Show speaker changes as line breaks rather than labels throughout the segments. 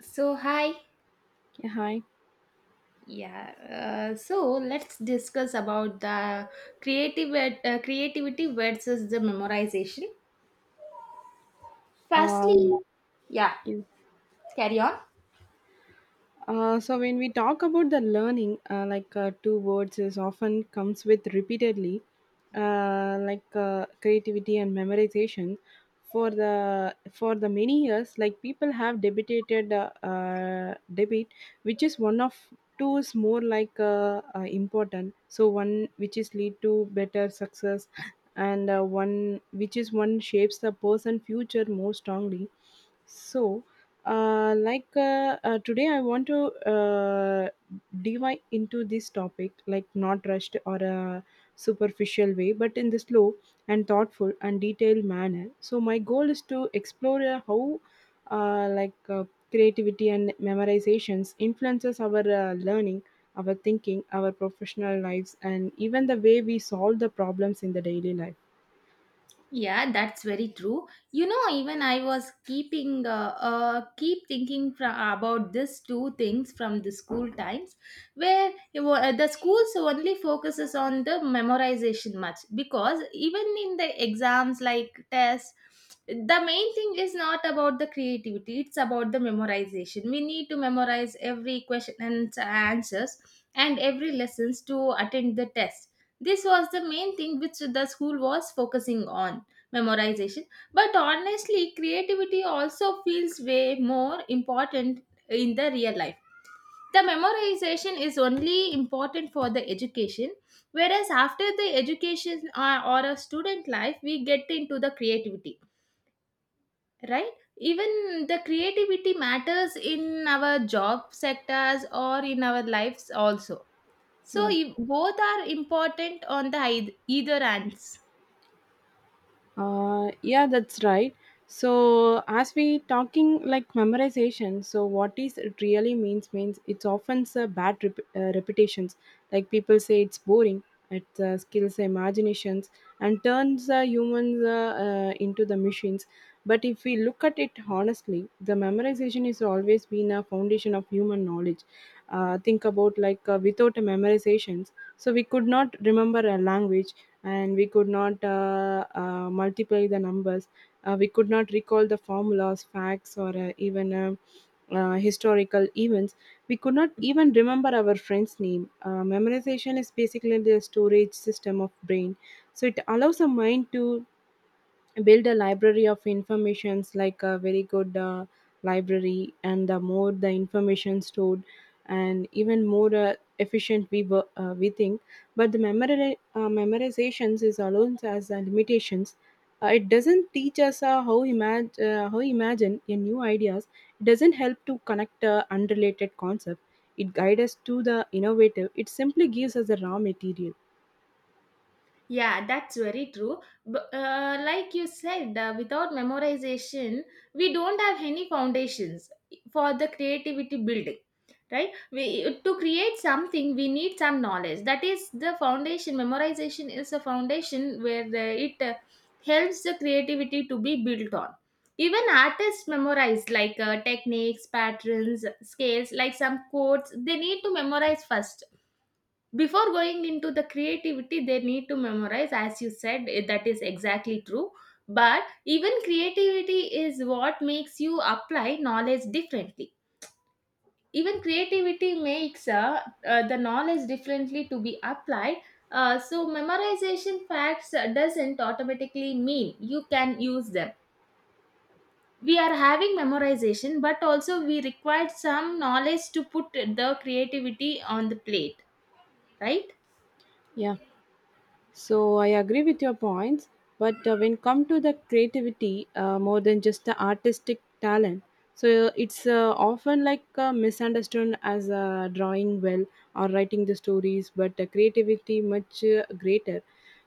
So hi,
Yeah, hi.
yeah. So let's discuss about the creative creativity versus the memorization. Firstly,
Um,
yeah.
yeah.
Carry on.
So when we talk about the learning, two words is often comes with repeatedly, creativity and memorization. For the many years, like people have debated which is one of two is more important. So one which is lead to better success, and one which is one shapes the person future more strongly. So Today, I want to dive into this topic, like not rushed or a superficial way, but in the slow and thoughtful and detailed manner. So my goal is to explore how, uh, like uh, creativity and memorizations influences our learning, our thinking, our professional lives, and even the way we solve the problems in the daily life.
Yeah, that's very true. You know, even I was keeping keep thinking about these two things from the school times, where the schools only focuses on the memorization much because even in the exams like tests, the main thing is not about the creativity; it's about the memorization. We need to memorize every question and answers and every lessons to attend the test. This was the main thing which the school was focusing on memorization, but honestly creativity also feels way more important in the real life. The memorization is only important for the education, whereas after the education or a student life we get into the creativity, right? Even the creativity matters in our job sectors or in our lives also. So
Yeah.
if both are important on the either ends.
Yeah, that's right. So as we talking like memorization, so what is it really means it's often a bad repetitions. Like people say it's boring. It skills imaginations and turns humans into the machines. But if we look at it honestly, the memorization is always been a foundation of human knowledge. Think about without a memorizations, so we could not remember a language and we could not multiply the numbers. We could not recall the formulas, facts, or even historical events. We could not even remember our friend's name. Memorization is basically the storage system of brain, so it allows the mind to build a library of informations like a very good library, and the more the information stored and even more efficient we think, but the memorizations is alone as limitations. It doesn't teach us how imagine a new ideas. It doesn't help to connect unrelated concept. It guides us to the innovative, it simply gives us the raw material.
Yeah, that's very true. But, like you said, without memorization, we don't have any foundations for the creativity building, right? We to create something, we need some knowledge. That is the foundation. Memorization is a foundation where it helps the creativity to be built on. Even artists memorize like techniques, patterns, scales, like some codes. They need to memorize first before going into the creativity. They need to memorize, as you said, that is exactly true. But even creativity is what makes you apply knowledge differently. Even creativity makes the knowledge differently to be applied. So memorization facts doesn't automatically mean you can use them. We are having memorization, but also we required some knowledge to put the creativity on the plate, right?
Yeah. So I agree with your points, but when come to the creativity, more than just the artistic talent, so it's often misunderstood as drawing well or writing the stories, but creativity much greater.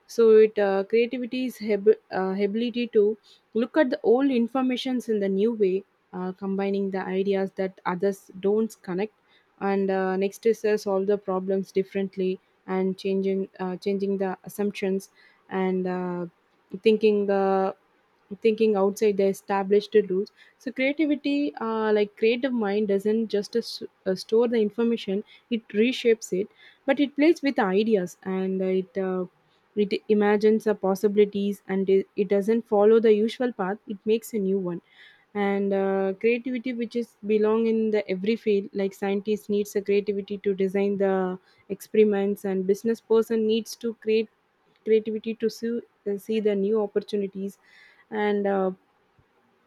So it creativity is ability to look at the old informations in the new way, combining the ideas that others don't connect, and next is solve the problems differently, and changing the assumptions, and thinking the thinking outside the established rules. So creativity like creative mind doesn't just store the information, it reshapes it, but it plays with ideas and it imagines the possibilities, and it doesn't follow the usual path, it makes a new one. And creativity, which is belong in the every field, like scientists needs a creativity to design the experiments, and business person needs to create creativity to see the new opportunities, and uh,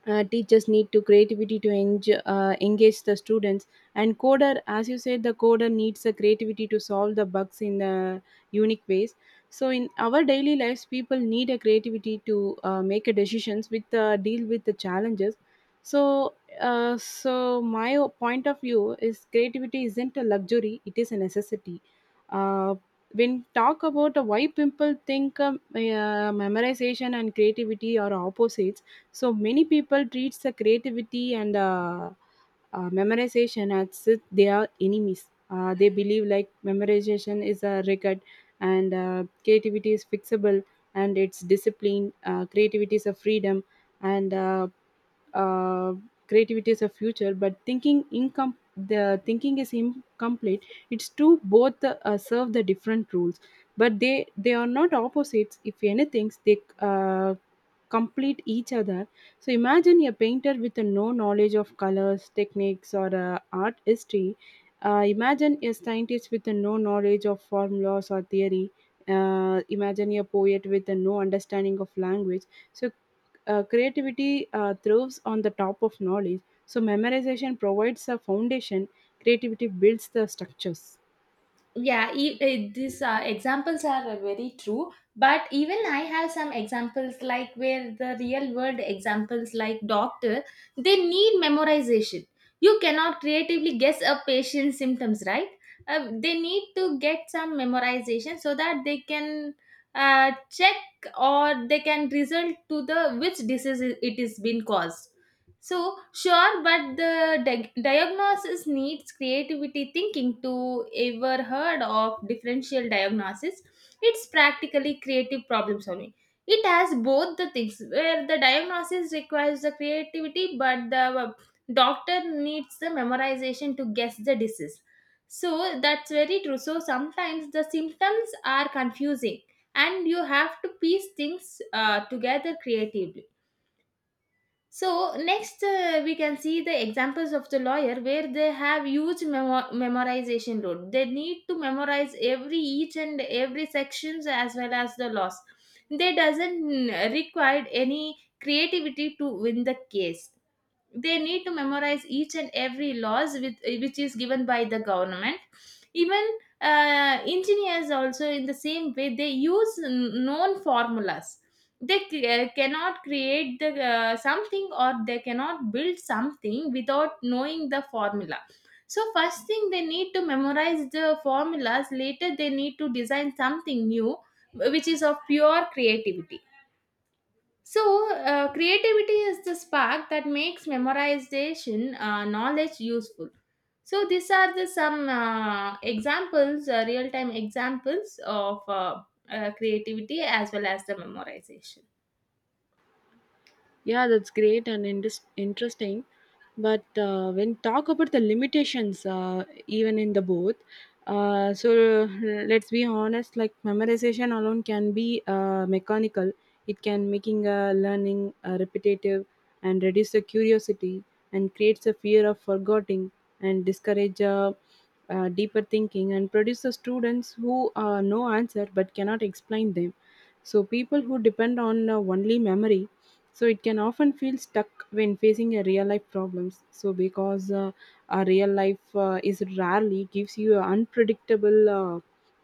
uh, teachers need to creativity to engage the students, and coder as you said the coder needs the creativity to solve the bugs in the unique ways. So in our daily lives people need a creativity to make a decisions with deal with the challenges. So uh, so my o- point of view is creativity isn't a luxury, it is a necessity. uh, when talk about why people think memorization and creativity are opposites, so many people treats the creativity and memorization as if they are enemies. They believe like memorization is a record and creativity is fixable and it's discipline. Creativity is a freedom and uh, creativity is a future, but thinking income the thinking is incomplete. It's two both serve the different rules, but they are not opposites. If anything they complete each other. So imagine a painter with a no knowledge of colors techniques or art history, imagine a scientist with a no knowledge of formulas or theory, imagine a poet with a no understanding of language. So creativity thrives on the top of knowledge. So memorization provides a foundation, creativity builds the structures.
These examples are very true, but even I have some examples like where the real world examples like doctor. They need memorization. You cannot creatively guess a patient's symptoms, right? They need to get some memorization so that they can check or they can result to the which disease it is been caused. So sure, but the diagnosis needs creativity thinking. To ever heard of differential diagnosis? It's practically creative problem solving. It has both the things where the diagnosis requires the creativity, but the uh, doctor needs the memorization to guess the disease. So that's very true. So sometimes the symptoms are confusing, and you have to piece things together creatively. So next we can see the examples of the lawyer where they have huge memorization load. They need to memorize every each and every sections as well as the laws. They doesn't require any creativity to win the case. They need to memorize each and every laws with, which is given by the government. Even engineers also in the same way they use known formulas. They cannot create the something, or they cannot build something without knowing the formula. So first thing, they need to memorize the formulas, later they need to design something new, which is of pure creativity. So, creativity is the spark that makes memorization knowledge useful. So, these are the some examples, real time examples of creativity as well as the memorization.
Yeah, that's great and interesting. But when talk about the limitations, even in the both, uh, so uh, let's be honest. Like memorization alone can be mechanical. It can making learning repetitive and reduce the curiosity and creates a fear of forgetting and discourage deeper thinking and produce the students who know answer but cannot explain them. So people who depend on only memory, so it can often feel stuck when facing a real life problems, so because a real life is rarely gives you a unpredictable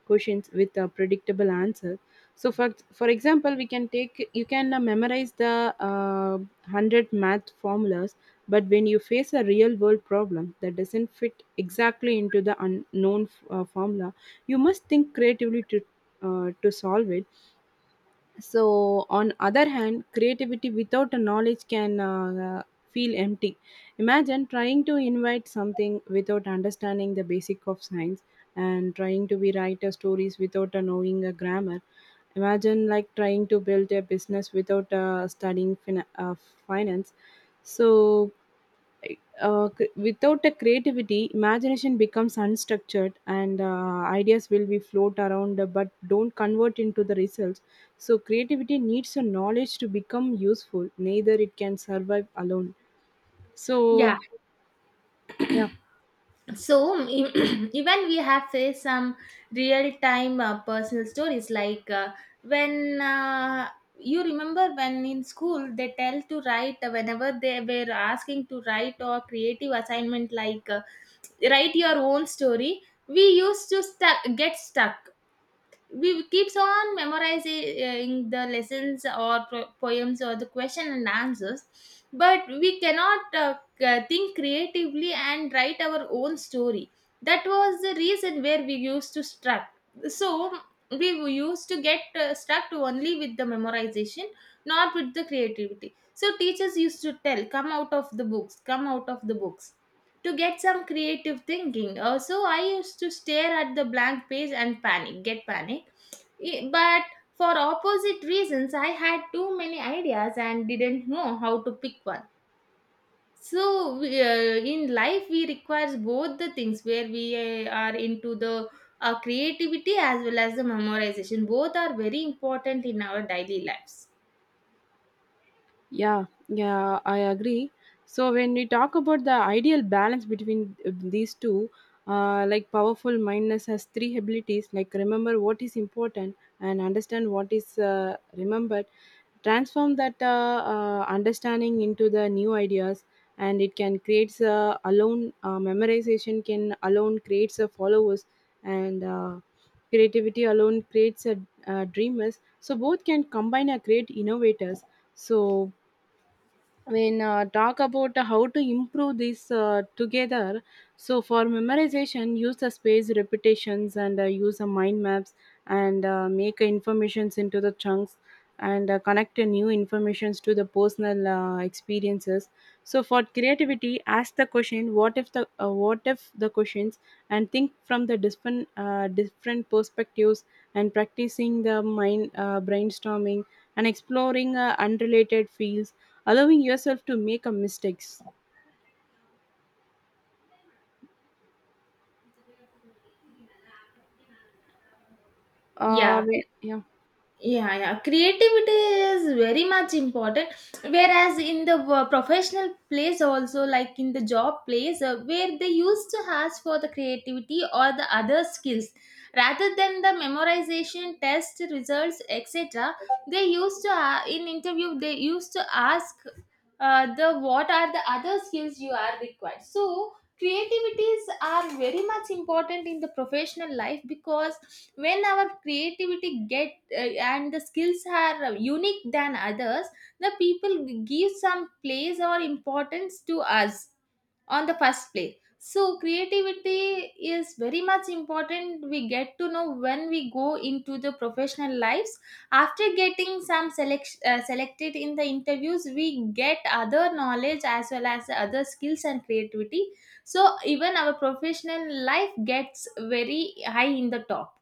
questions with a predictable answer. So for example, we can take you can memorize the uh, 100 math formulas, but when you face a real world problem that doesn't fit exactly into the unknown formula, you must think creatively to solve it. So on other hand creativity without a knowledge can feel empty. Imagine trying to invite something without understanding the basic of science, and trying to be writer stories without knowing a grammar. Imagine like trying to build a business without studying finance. So without a creativity imagination becomes unstructured, and ideas will be float around, but don't convert into the results. So creativity needs a knowledge to become useful, neither it can survive alone. So
Yeah,
yeah.
so even we have faced some real time personal stories like when you remember when in school they tell to write whenever they were asking to write or creative assignment like. Write your own story. We used to get stuck. We keeps on memorizing the lessons or poems or the question and answers, but we cannot think creatively and write our own story. That was the reason where we used to stuck. So we used to get stuck only with the memorization, not with the creativity. So teachers used to tell come out of the books, come out of the books to get some creative thinking. So I used to stare at the blank page and panic, get panic. But for opposite reasons, I had too many ideas and didn't know how to pick one. So we, in life, we requires both the things where we are into the creativity as well as the memorization. Both are very important in our daily lives.
Yeah, yeah, I agree. So when we talk about the ideal balance between these two, powerful mindness has three abilities, like remember what is important and understand what is remembered. Transform that understanding into the new ideas, and it can create alone. Memorization can alone creates a followers, and creativity alone creates a dreamers. So both can combine and create innovators. So when talk about how to improve this together, so for memorization use the space repetitions and use the mind maps and make informations into the chunks and connect the new informations to the personal experiences. So for creativity ask the question what if the questions, and think from the different perspectives, and practicing the mind brainstorming, and exploring unrelated fields, allowing yourself to make a mistakes.
Yeah,
Yeah.
yeah. Creativity is very much important. Whereas in the professional place, also like in the job place, where they used to ask for the creativity or the other skills rather than the memorization, test results, etc. They used to in interview they used to ask the what are the other skills you are required. So creativities are very much important in the professional life because when our creativity get and the skills are unique than others, the people give some place or importance to us on the first place. So creativity is very much important. We get to know when we go into the professional lives after getting some selected in the interviews. We get other knowledge as well as other skills and creativity. So even our professional life gets very high in the top.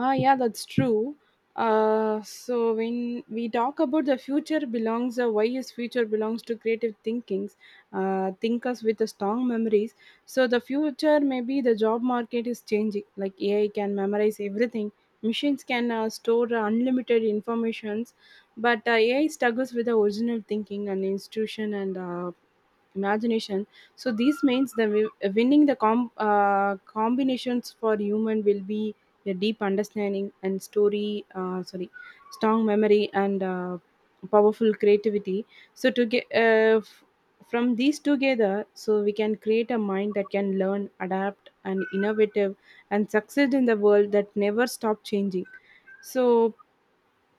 Ah yeah, that's true. So when we talk about the future belongs, why is future belongs to creative thinkings, thinkers with a strong memories. So the future maybe the job market is changing, like AI can memorize everything, machines can store unlimited informations, but AI struggles with the original thinking and institution and imagination. So this means the winning the combinations for human will be a deep understanding and story sorry strong memory and powerful creativity. So to get from these together, so we can create a mind that can learn, adapt and innovative and succeed in the world that never stop changing. So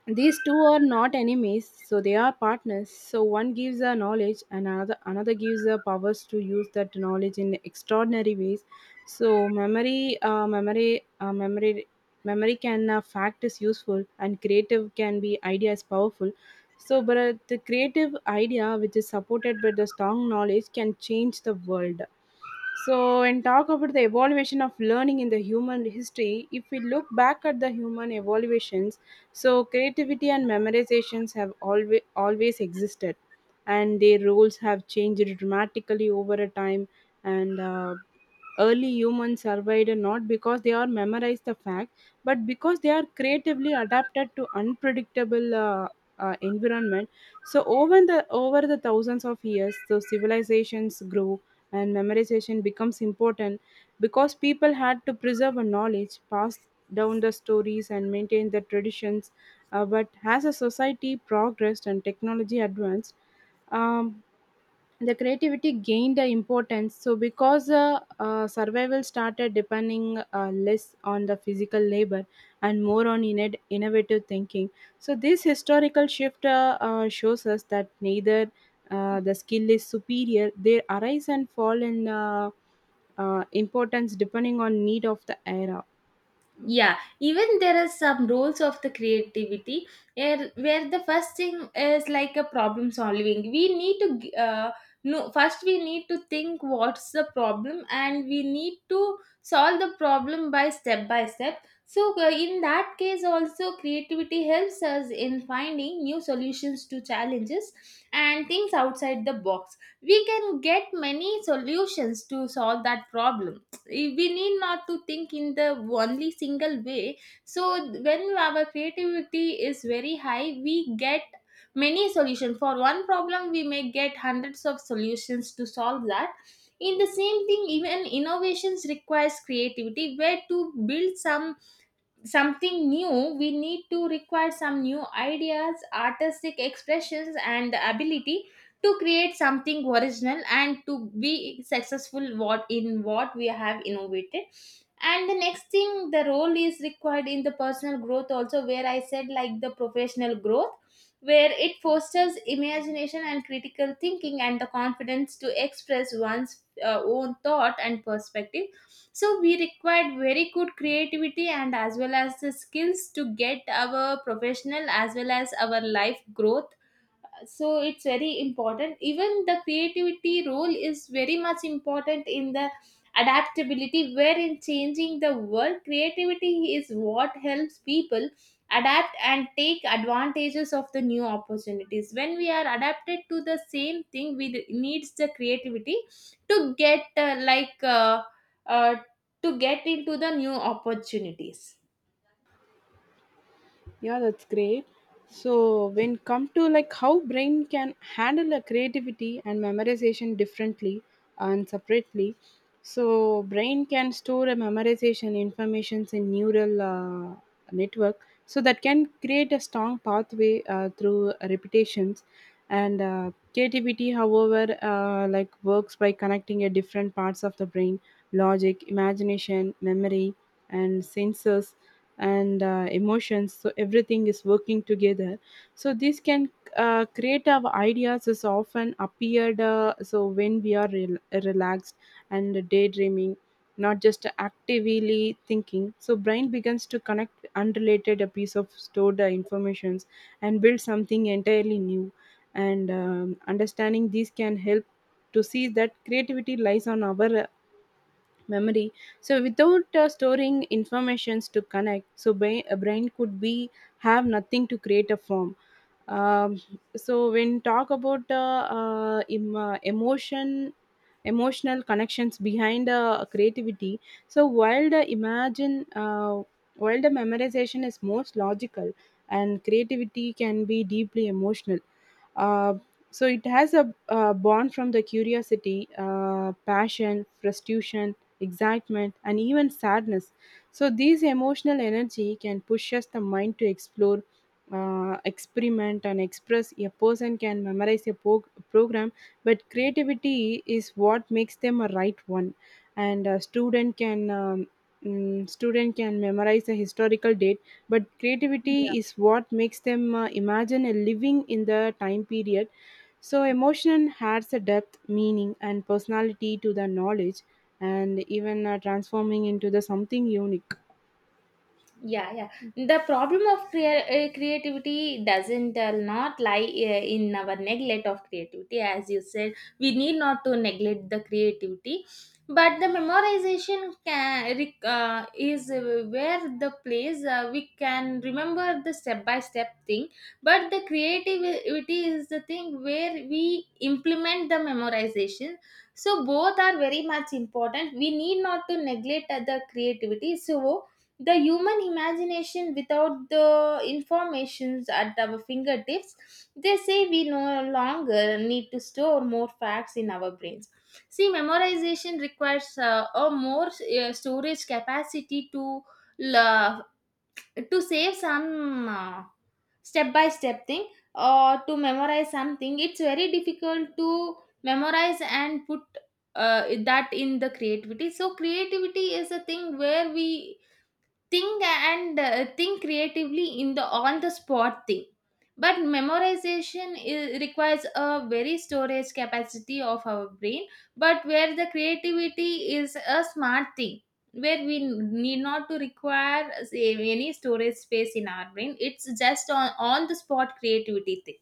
these two are not enemies, so they are partners. So one gives a knowledge and another gives the powers to use that knowledge in extraordinary ways. So memory can fact is useful, and creative can be idea is powerful. So but the creative idea which is supported by the strong knowledge can change the world. So, and talk about the evaluation of learning in the human history, if we look back at the human evaluations, so creativity and memorizations have always existed, and their roles have changed dramatically over a time. And early humans survived not because they are memorized the fact, but because they are creatively adapted to unpredictable environment. So over the thousands of years, so civilizations grew and memorization becomes important because people had to preserve a knowledge passed down the stories and maintained the traditions. But as a society progressed and technology advanced, um, the creativity gained the importance. So because survival started depending less on the physical labor and more on innate innovative thinking. So this historical shift shows us that neither the skill is superior; they arise and fall in importance depending on need of the era.
Yeah, even there is some rules of the creativity where the first thing is like a problem solving. We need to g- no first we need to think what's the problem, and we need to solve the problem by step by step. So in that case also creativity helps us in finding new solutions to challenges, and things outside the box we can get many solutions to solve that problem. We need not to think in the only single way. So when our creativity is very high, we get many solutions for one problem. We may get hundreds of solutions to solve that. In the same thing, even innovations requires creativity where to build some something new. We need to require some new ideas, artistic expressions, and the ability to create something original and to be successful what in what we have innovated. And the next thing, the role is required in the personal growth also, where I said like the professional growth, where it fosters imagination and critical thinking and the confidence to express one's own thought and perspective. So we required very good creativity and as well as the skills to get our professional as well as our life growth. So it's very important. Even the creativity role is very much important in the adaptability, where in changing the world creativity is what helps people adapt and take advantages of the new opportunities. When we are adapted to the same thing, we needs the creativity to get uh, to get into the new opportunities.
Yeah, that's great. So when come to like how brain can handle a creativity and memorization differently and separately. So brain can store a memorization informations in neural network so that can create a strong pathway through repetitions and creativity however like works by connecting a different parts of the brain, logic, imagination, memory, and sensors, and emotions, so everything is working together. So this can creative ideas is often appeared so when we are relaxed and daydreaming, not just actively thinking. So brain begins to connect unrelated a piece of stored informations and build something entirely new. And understanding these can help to see that creativity lies on our memory. So without storing informations to connect, so a brain could be have nothing to create a form. Um, so when talk about emotion emotional connections behind creativity, so while the imagine while the memorization is most logical and creativity can be deeply emotional. uh, so it has a born from the curiosity, passion, frustration, excitement, and even sadness. So these emotional energy can push us the mind to explore, experiment, and express. A person can memorize a program, but creativity is what makes them a right one. And a student can student can memorize a historical date, but creativity is what makes them imagine a living in the time period. So emotion adds a depth, meaning, and personality to the knowledge, and even transforming into the something unique.
Yeah. The problem of creativity doesn't not lie in our neglect of creativity. As you said, we need not to neglect the creativity. But the memorization is where the place we can remember the step by step thing, but the creativity is the thing where we implement the memorization. So both are very much important. We need not to neglect the creativity. So the human imagination without the informations at our fingertips, they say we no longer need to store more facts in our brains. See, memorization requires a more storage capacity to la to save some step by step thing or to memorize something. It's very difficult to memorize and put that in the creativity. So creativity is a thing where we think and think creatively in the on the spot thing. But memorization requires a very storage capacity of our brain. But where the creativity is a smart thing, where we need not to require say, any storage space in our brain. It's just on the spot creativity thing.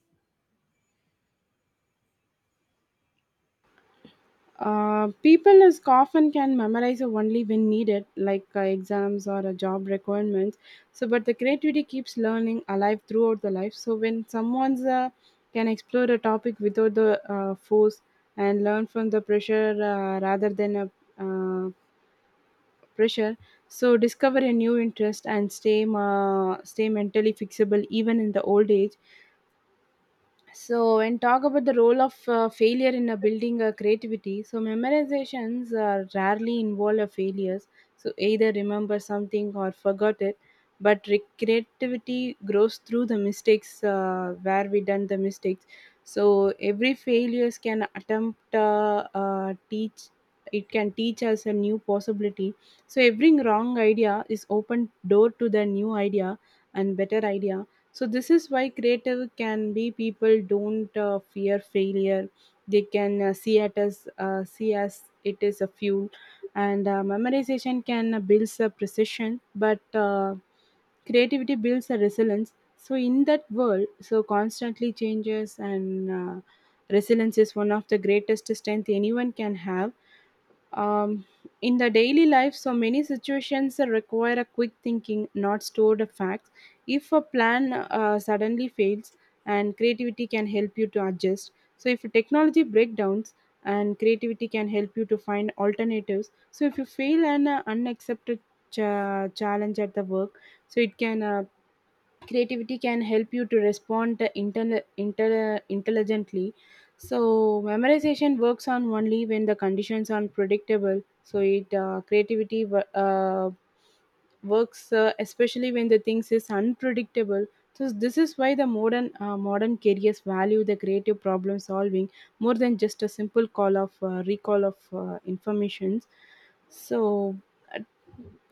People is often can memorize only when needed, like exams or job requirements. So, but the creativity keeps learning alive throughout the life. So, when someone's can explore a topic without the force and learn from the pressure rather than a uh, pressure, so discover a new interest and stay stay mentally fixable even in the old age. So, when talk about the role of failure in building creativity, so memorizations rarely involve a failures. So, either remember something or forgot it. But creativity grows through the mistakes where we done the mistakes. So, every failures can attempt teach. It can teach us a new possibility. So every wrong idea is open door to the new idea and better idea. So this is why creative can be people don't fear failure. They can see it as see as it is a fuel. And memorization can builds a precision, but creativity builds a resilience. So in that world so constantly changes, and resilience is one of the greatest strength anyone can have. um, in the daily life, so many situations require a quick thinking, not stored facts. If a plan suddenly fails, and creativity can help you to adjust. So if technology breakdowns, and creativity can help you to find alternatives. So if you fail an unaccepted challenge at the work, so it can creativity can help you to respond intelligently. So memorization works on only when the conditions are predictable, so it creativity works especially when the things is unpredictable. So this is why the modern modern careers value the creative problem solving more than just a simple call of recall of informations. So uh,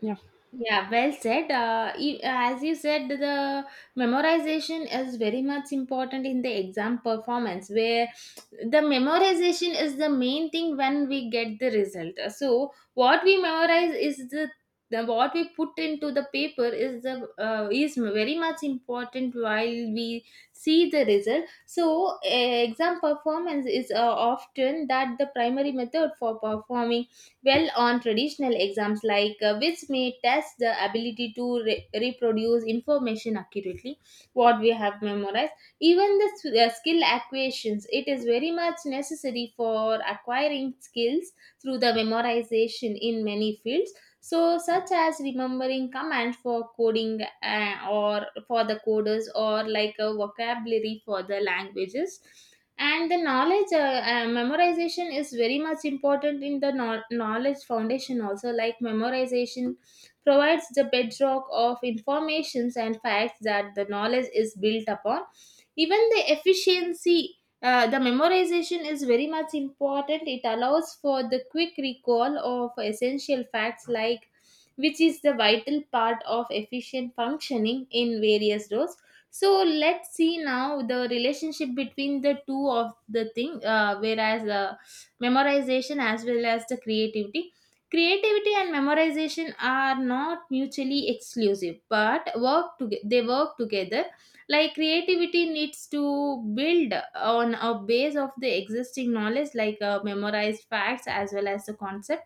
yeah.
Yeah, well said. As you said, the memorization is very much important in the exam performance, where the memorization is the main thing when we get the result. So, what we memorize is the what we put into the paper is the is very much important while we see the result. So, exam performance is often that the primary method for performing well on traditional exams like which may test the ability to reproduce information accurately what we have memorized. Even the skill acquisitions, it is very much necessary for acquiring skills through the memorization in many fields, so such as remembering commands for coding or for the coders or like a vocabulary for the languages. And the knowledge memorization is very much important in the knowledge foundation also, like memorization provides the bedrock of informations and facts that the knowledge is built upon. Even the efficiency the memorization is very much important. It allows for the quick recall of essential facts, like which is the vital part of efficient functioning in various roles. So let's see now the relationship between the two of the thing, whereas memorization as well as the creativity. Creativity and memorization are not mutually exclusive, but work to they work together. Like creativity needs to build on a base of the existing knowledge like memorized facts as well as the concept.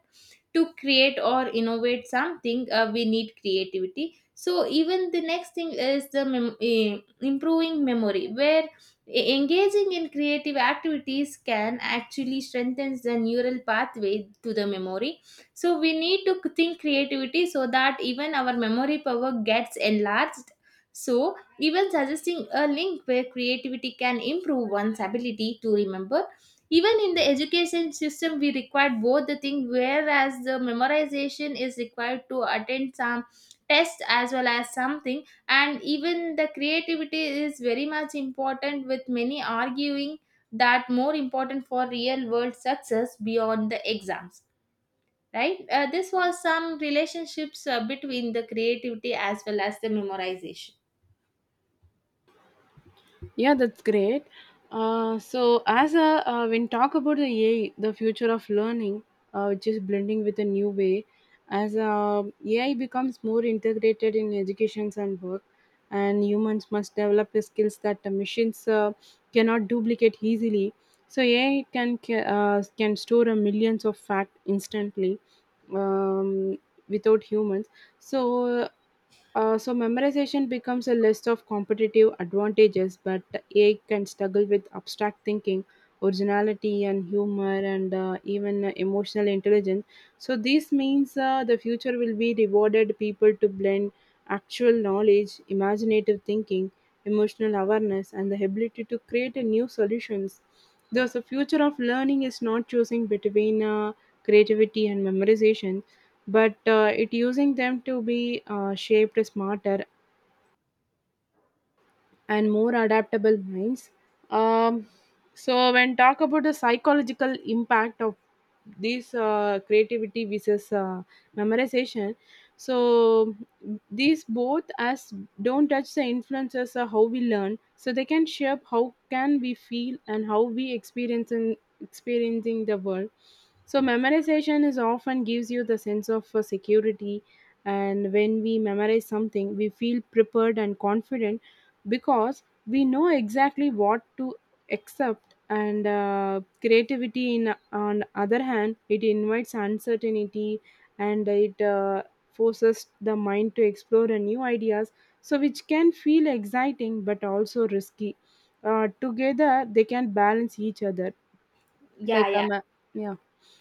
To create or innovate something, we need creativity. So even the next thing is the improving memory where engaging in creative activities can actually strengthen the neural pathway to the memory. So we need to think creativity so that even our memory power gets enlarged. So even suggesting a link where creativity can improve one's ability to remember. Even in the education system we require both the thing, whereas the memorization is required to attend some test as well as something, and even the creativity is very much important with many arguing that more important for real world success beyond the exams, right? This was some relationships between the creativity as well as the memorization.
Yeah, that's great. So, when talk about the AI, the future of learning, which is blending with a new way, as AI becomes more integrated in educations and work, and humans must develop the skills that the machines cannot duplicate easily. So, AI can store a millions of fact instantly, um, without humans. So, so memorization becomes a list of competitive advantages, but AI can struggle with abstract thinking, originality, and humor, and even emotional intelligence. So this means the future will be rewarded people to blend actual knowledge, imaginative thinking, emotional awareness, and the ability to create a new solutions. Thus, the future of learning is not choosing between creativity and memorization, but it using them to be shaped smarter and more adaptable minds. Um, so when talk about the psychological impact of this creativity versus memorization, so these both as don't touch the influences of how we learn, so they can shape how can we feel and how we experience in experiencing the world. So memorization is often gives you the sense of security, and when we memorize something, we feel prepared and confident because we know exactly what to accept. And creativity in on other hand, it invites uncertainty, and it forces the mind to explore a new ideas, so which can feel exciting but also risky. Together they can balance each other,
yeah
like
yeah
yeah.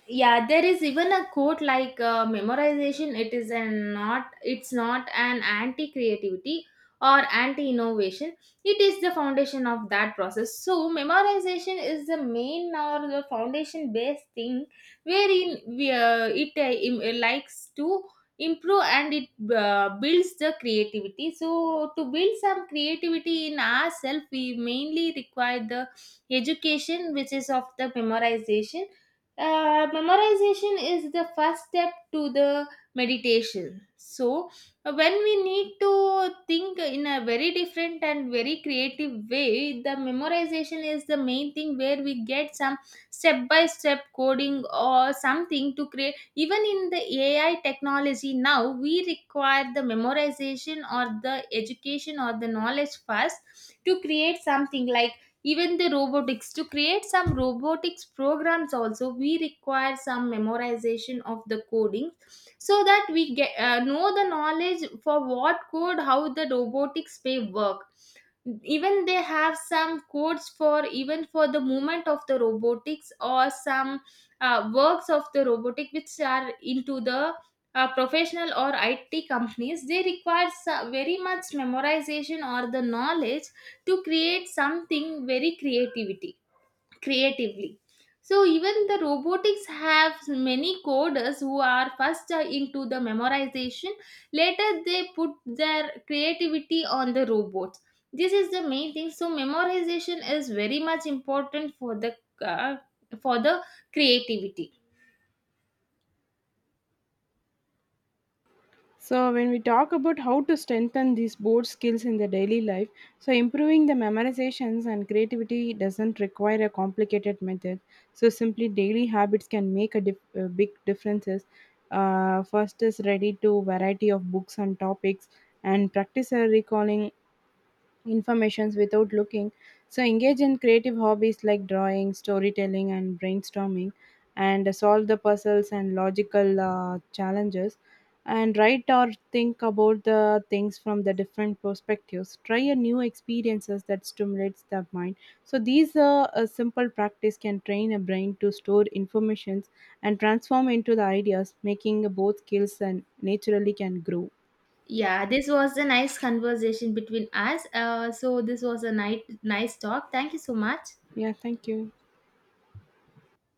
yeah There is even a quote like memorization, it is an not it's not an anti creativity or anti innovation, it is the foundation of that process. So memorization is the main or the foundation based thing, wherein it likes to improve and it builds the creativity. So to build some creativity in ourselves, we mainly require the education, which is of the memorization. Memorization is the first step to the meditation. So when we need to think in a very different and very creative way, the memorization is the main thing where we get some step by step coding or something to create. Even in the AI technology now, we require the memorization or the education or the knowledge first to create something like even the robotics. To create some robotics programs also, we require some memorization of the coding, so that we get know the knowledge for what code how the robotics may work. Even they have some codes for even for the movement of the robotics or some works of the robotic which are into the professional or IT companies. They require very much memorization or the knowledge to create something very creativity, creatively. So even the robotics have many coders who are first into the memorization, later they put their creativity on the robots. This is the main thing. So memorization is very much important uh, for the creativity.
So when we talk about how to strengthen these board skills in the daily life, so improving the memorizations and creativity doesn't require a complicated method. So simply daily habits can make a, big differences. First is ready to variety of books and topics and practice a recalling informations without looking. So engage in creative hobbies like drawing, storytelling, and brainstorming, and solve the puzzles and logical challenges, and write or think about the things from the different perspectives. Try a new experiences that stimulates the mind. So these a simple practice can train a brain to store informations and transform into the ideas, making both skills and naturally can grow.
Yeah, this was a nice conversation between us. So this was a nice nice talk. Thank you so much.
Yeah, thank you.